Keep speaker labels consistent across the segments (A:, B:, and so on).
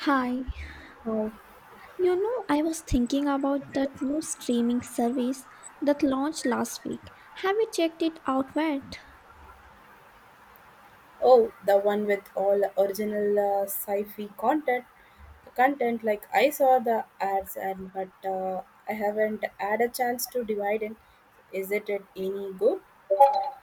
A: Hi,
B: Oh,
A: you know, I was thinking about that new streaming service that launched last week. Have you checked it out yet?
B: oh, the one with all original sci-fi content. Content like I saw the ads and but I haven't had a chance to divide it. Is it any good?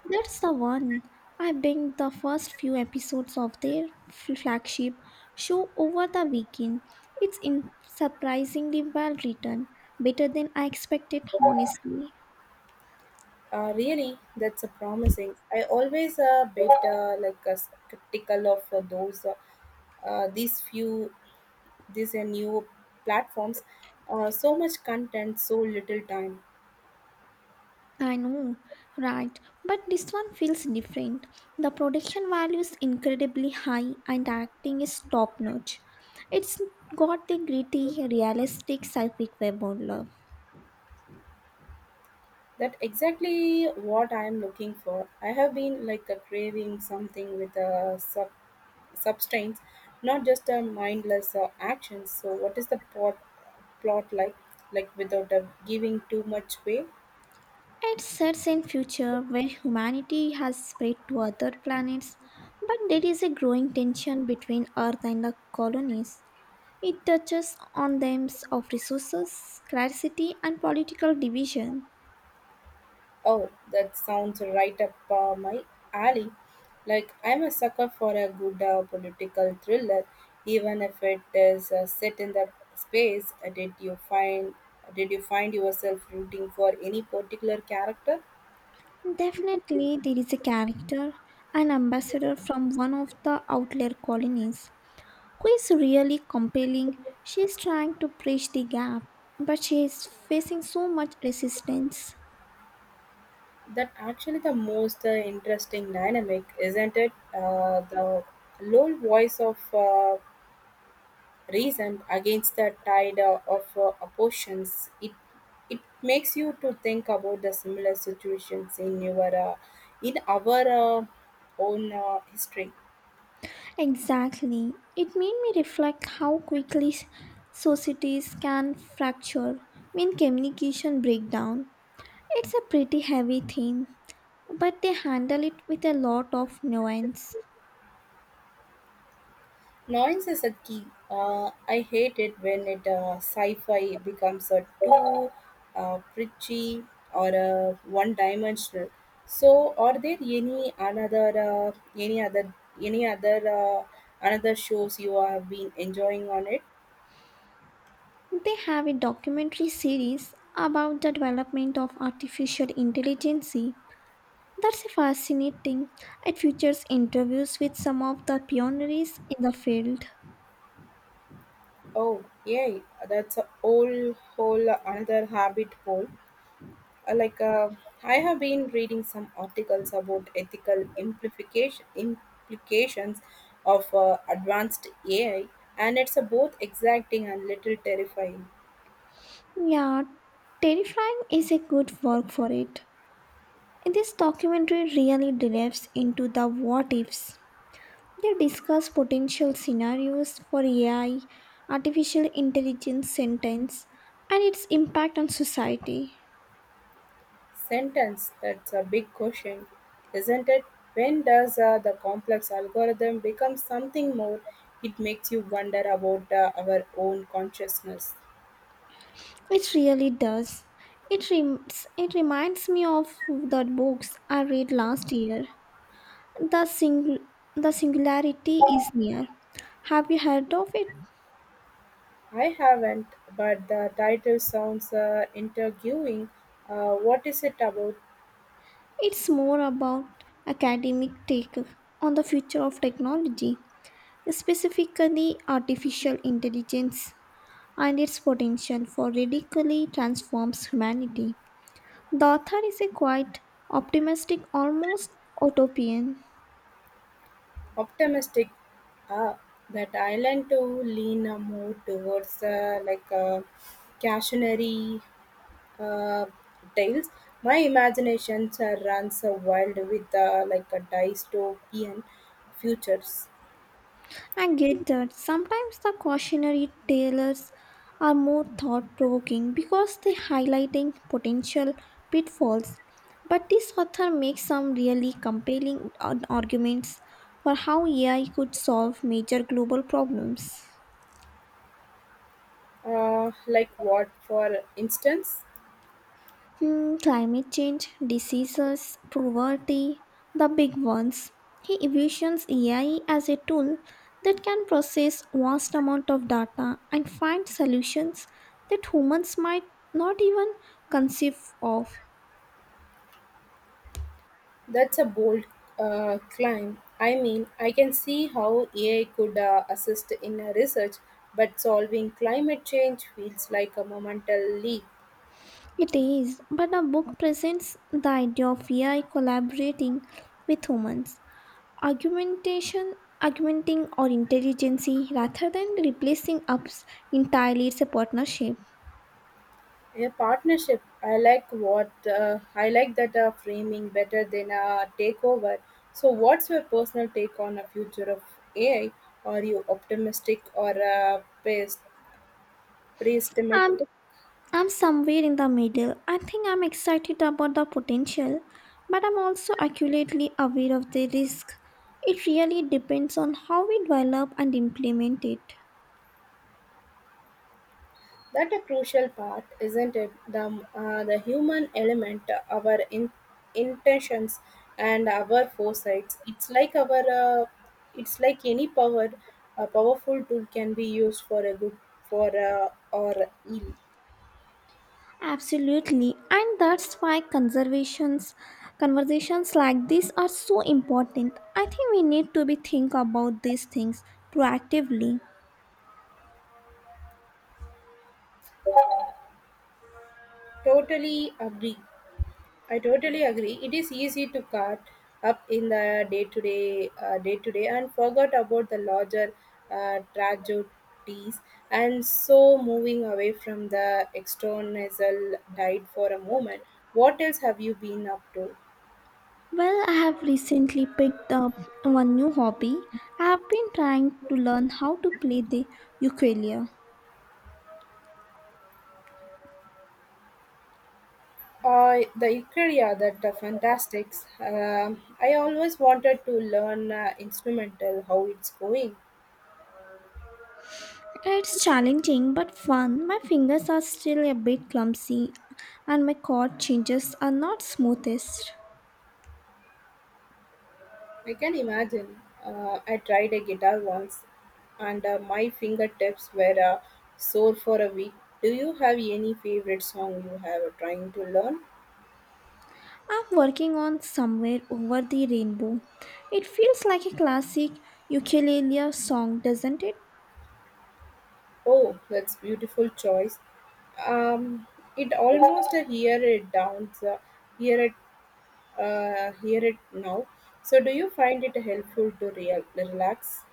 A: That's the one. I binged the first few episodes of their flagship show over the weekend. It's in surprisingly well written, better than I expected, honestly.
B: Really, that's a promising. I always a bit like a skeptical of those these few these new platforms. So much content, so little time.
A: I know, right? But this one feels different. The production value is incredibly high and acting is top notch. It's got the gritty, realistic sci-fi web of love.
B: That exactly what I am looking for. I have been like a craving something with a substance, not just a mindless action. So, what is the plot like? Like without giving too much way.
A: It sets in future where humanity has spread to other planets, but there is a growing tension between Earth and the colonies. It touches on themes of resources, scarcity, and political division.
B: Oh, that sounds right up my alley. Like I'm a sucker for a good political thriller, even if it is set in the space. Did you find yourself rooting for any particular character?
A: Definitely, there is a character, an ambassador from one of the outlier colonies, who is really compelling. She is trying to bridge the gap, but she is facing so much resistance.
B: That actually the most interesting dynamic, isn't it? The low voice of reason against the tide of oppositions. It makes you to think about the similar situations in your in our own history.
A: Exactly. It made me reflect how quickly societies can fracture when communication breaks down. It's a pretty heavy theme, but they handle it with a lot of nuance.
B: Noise is a key. I hate it when it sci-fi becomes a too preachy or a one-dimensional. So, are there any another any other another shows you have been enjoying on it?
A: They have a documentary series about the development of artificial intelligence. That's fascinating. It features interviews with some of the pioneers in the field.
B: Oh, yay! That's a whole another habit hole. Uh, like uh, I have been reading some articles about ethical implication implications of advanced AI, and it's a both exacting and little terrifying
A: Yeah, terrifying is a good word for it. This documentary really delves into the what ifs. They discuss potential scenarios for AI, artificial intelligence sentence, and its impact on society.
B: sentence. That's a big question, isn't it? When does the complex algorithm become something more? It makes you wonder about our own consciousness.
A: It really does. It reminds me of the books I read last year. The, sing- the Singularity is Near. Have you heard of it?
B: I haven't, but the title sounds intriguing. What is it about?
A: It's more about academic take on the future of technology, specifically artificial intelligence and its potential for radically transforms humanity. The author is a quite optimistic, almost utopian.
B: Optimistic, ah, that I learned to lean more towards cautionary uh, tales. My imagination runs wild with like a dystopian futures.
A: I get that sometimes the cautionary tales are more thought provoking because they highlighting potential pitfalls. But this author makes some really compelling arguments for how AI could solve major global problems.
B: Like what, for instance?
A: Hmm, climate change, diseases, poverty, the big ones. He envisions AI as a tool that can process vast amount of data and find solutions that humans might not even conceive of.
B: That's a bold climb. I mean, I can see how AI could assist in research, but solving climate change feels like a monumental leap.
A: It is, but the book presents the idea of AI collaborating with humans, argumentation, augmenting our intelligence rather than replacing us entirely. It's a partnership.
B: A partnership. I like what I like that framing better than a takeover. So, what's your personal take on the future of AI? Are you optimistic or
A: I'm
B: pessimistic?
A: I'm somewhere in the middle. I think I'm excited about the potential, but I'm also accurately aware of the risk. It really depends on how we develop and implement it.
B: That a crucial part, isn't it? The human element, our intentions and our foresights. It's like any power, a powerful tool can be used for a good for or ill.
A: Absolutely, and that's why conservations conversations like this are so important. I think we need to be think about these things proactively.
B: Totally agree. I totally agree. It is easy to cut up in the day to day, and forget about the larger tragedies, and so moving away from the external diet for a moment. What else have you been up to?
A: Well, I have recently picked up one new hobby. I have been trying to learn how to play the ukulele.
B: The Ikaria, that the fantastics. Um, I always wanted to learn instrumental. How it's going?
A: It's challenging but fun. My fingers are still a bit clumsy and my chord changes are not smoothest.
B: I can imagine. I tried a guitar once, and my fingertips were sore for a week. Do you have any favorite song you have trying to learn?
A: I'm working on Somewhere Over the Rainbow. It feels like a classic ukulele song, doesn't it?
B: Oh, that's beautiful choice. Um, it almost a hear it, hear it now. So, do you find it helpful to real relax?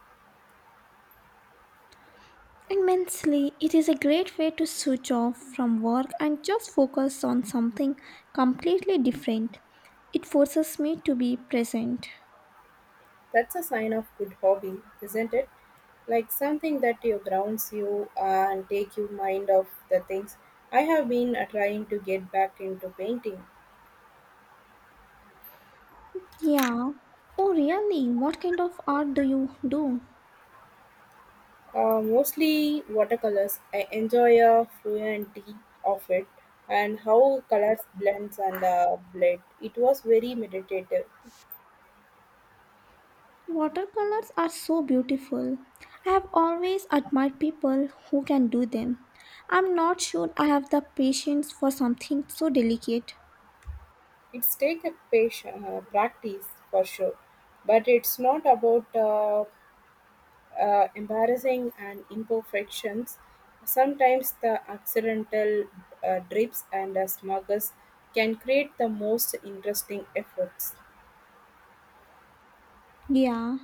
A: Immensely, it is a great way to switch off from work and just focus on something completely different. It forces me to be present.
B: That's a sign of good hobby, isn't it? Like something that you grounds you and take your mind off the things. I have been trying to get back into painting,
A: Yeah. Oh, really? What kind of art do you do?
B: mostly watercolors. I enjoy a fluidity of it and how colors blends and blend. It was very meditative.
A: Watercolors are so beautiful. I have always admired people who can do them. I'm not sure I have the patience for something so delicate.
B: It's take a patient practice for sure, but it's not about embarrassing and imperfections. Sometimes the accidental drips and smuggers can create the most interesting efforts.
A: Yeah,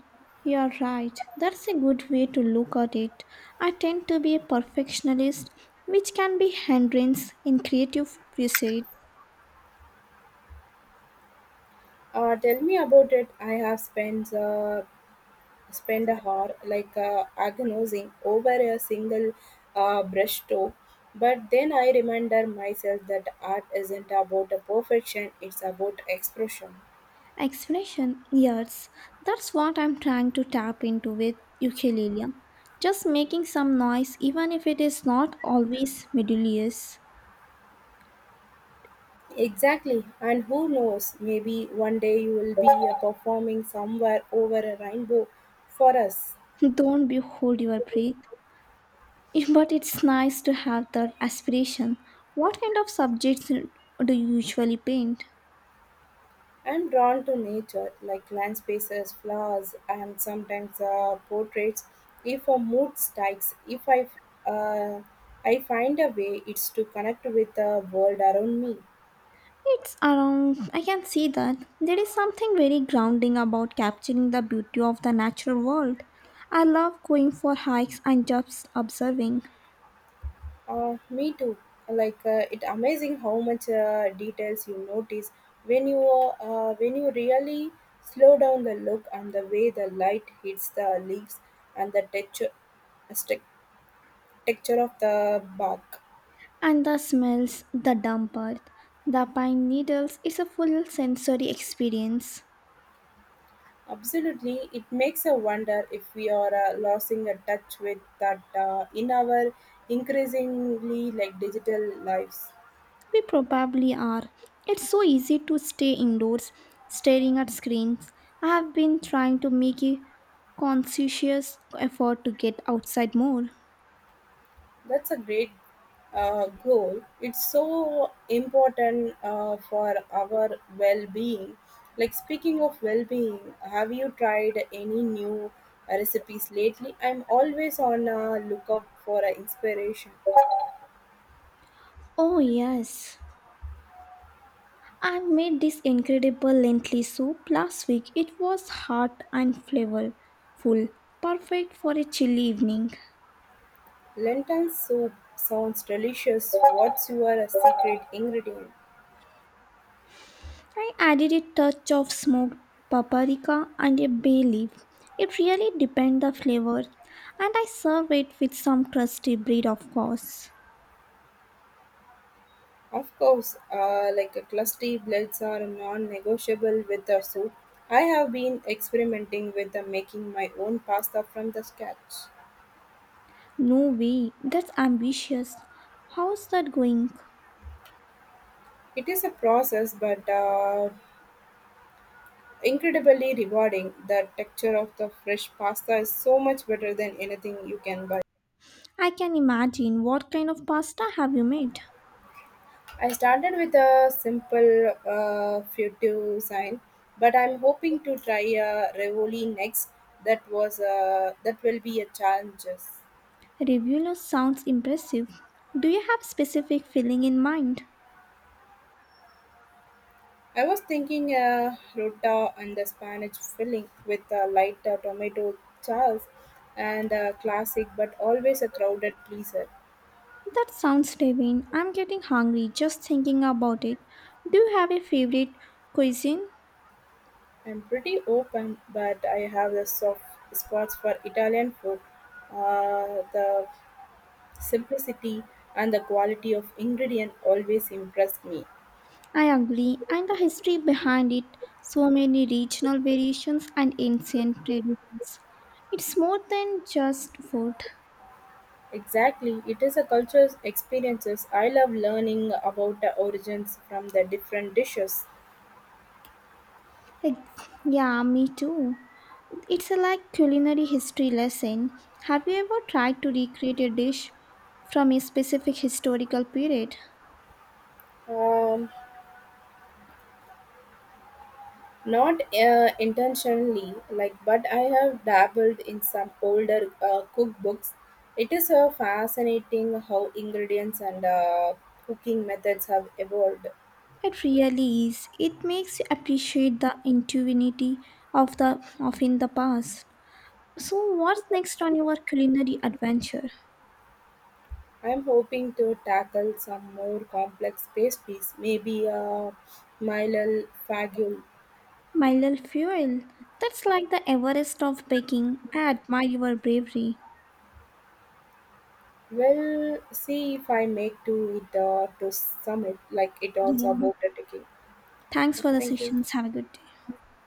A: you're right. That's a good way to look at it. I tend to be a perfectionist, which can be hindrance in creative pursuit.
B: Tell me about it. I have spent a hour like agonizing over a single brushstroke, but then I remember myself that art isn't about a perfection; it's about expression.
A: Explanation Yes, that's what I'm trying to tap into with ukulele. Just making some noise, even if it is not always melodious.
B: Exactly, and who knows, maybe one day you will be performing somewhere over a rainbow for us.
A: Don't be hold your breath. But it's nice to have that aspiration. What kind of subjects do you usually paint?
B: I'm drawn to nature, like landscapes, flowers, and sometimes portraits. If a mood strikes, if I, uh, I find a way, it's to connect with the world around me.
A: It's around, I can see that. There is something very grounding about capturing the beauty of the natural world. I love going for hikes and just observing.
B: Me too. Like it amazing how much details you notice when you really slow down the look and the way the light hits the leaves and the stec- texture of the bark.
A: And the smells, the damp earth, the pine needles, it's a full sensory experience.
B: Absolutely, it makes a wonder if we are losing a touch with that in our increasingly like digital lives.
A: We probably are. It's so easy to stay indoors, staring at screens. I have been trying to make a conscientious effort to get outside more.
B: That's a great goal. It's so important for our well being. Like, speaking of well being, have you tried any new recipes lately? I'm always on a lookout for a inspiration.
A: Oh, yes. I made this incredible lentil soup last week. It was hot and flavorful, perfect for a chilly evening.
B: Lentil soup sounds delicious. What's your secret ingredient?
A: I added a touch of smoked paprika and a bay leaf. It really depends the flavor, and I serve it with some crusty bread, of course.
B: Of course, like a crusty blades are non-negotiable with the soup. I have been experimenting with the making my own pasta from the scratch.
A: No way, that's ambitious. How's that going?
B: It is a process, but incredibly rewarding. The texture of the fresh pasta is so much better than anything you can buy.
A: I can imagine what kind of pasta have you made.
B: I started with a simple futu sign, but I'm hoping to try a revoli next. That was that will be a challenge.
A: Reviewer sounds impressive. Do you have specific filling in mind?
B: I was thinking rota and the Spanish filling with a light tomato sauce and a classic but always a crowded pleaser.
A: That sounds divine. I'm getting hungry just thinking about it. Do you have a favorite cuisine?
B: I'm pretty open, but I have the soft spots for Italian food. The simplicity and the quality of ingredient always impressed me.
A: I agree, and the history behind it, so many regional variations and ancient traditions. It's more than just food.
B: Exactly, it is a cultural experiences. I love learning about the origins from the different dishes.
A: Like, yeah, me too. It's a like culinary history lesson. Have you ever tried to recreate a dish from a specific historical period?
B: Um, Not intentionally, like, but I have dabbled in some older cookbooks. It is fascinating how ingredients and cooking methods have evolved.
A: It really is. It makes you appreciate the intuitivity of the of in the past. So, what's next on your culinary adventure?
B: I'm hoping to tackle some more complex pastries, maybe a Milal fagul.
A: My little fuel. That's like the Everest of baking. I admire your bravery.
B: We'll see if I make to it to summit, like it also
A: Yeah.
B: about the taking.
A: Thanks for the
B: Thank you.
A: sessions. Have a good day.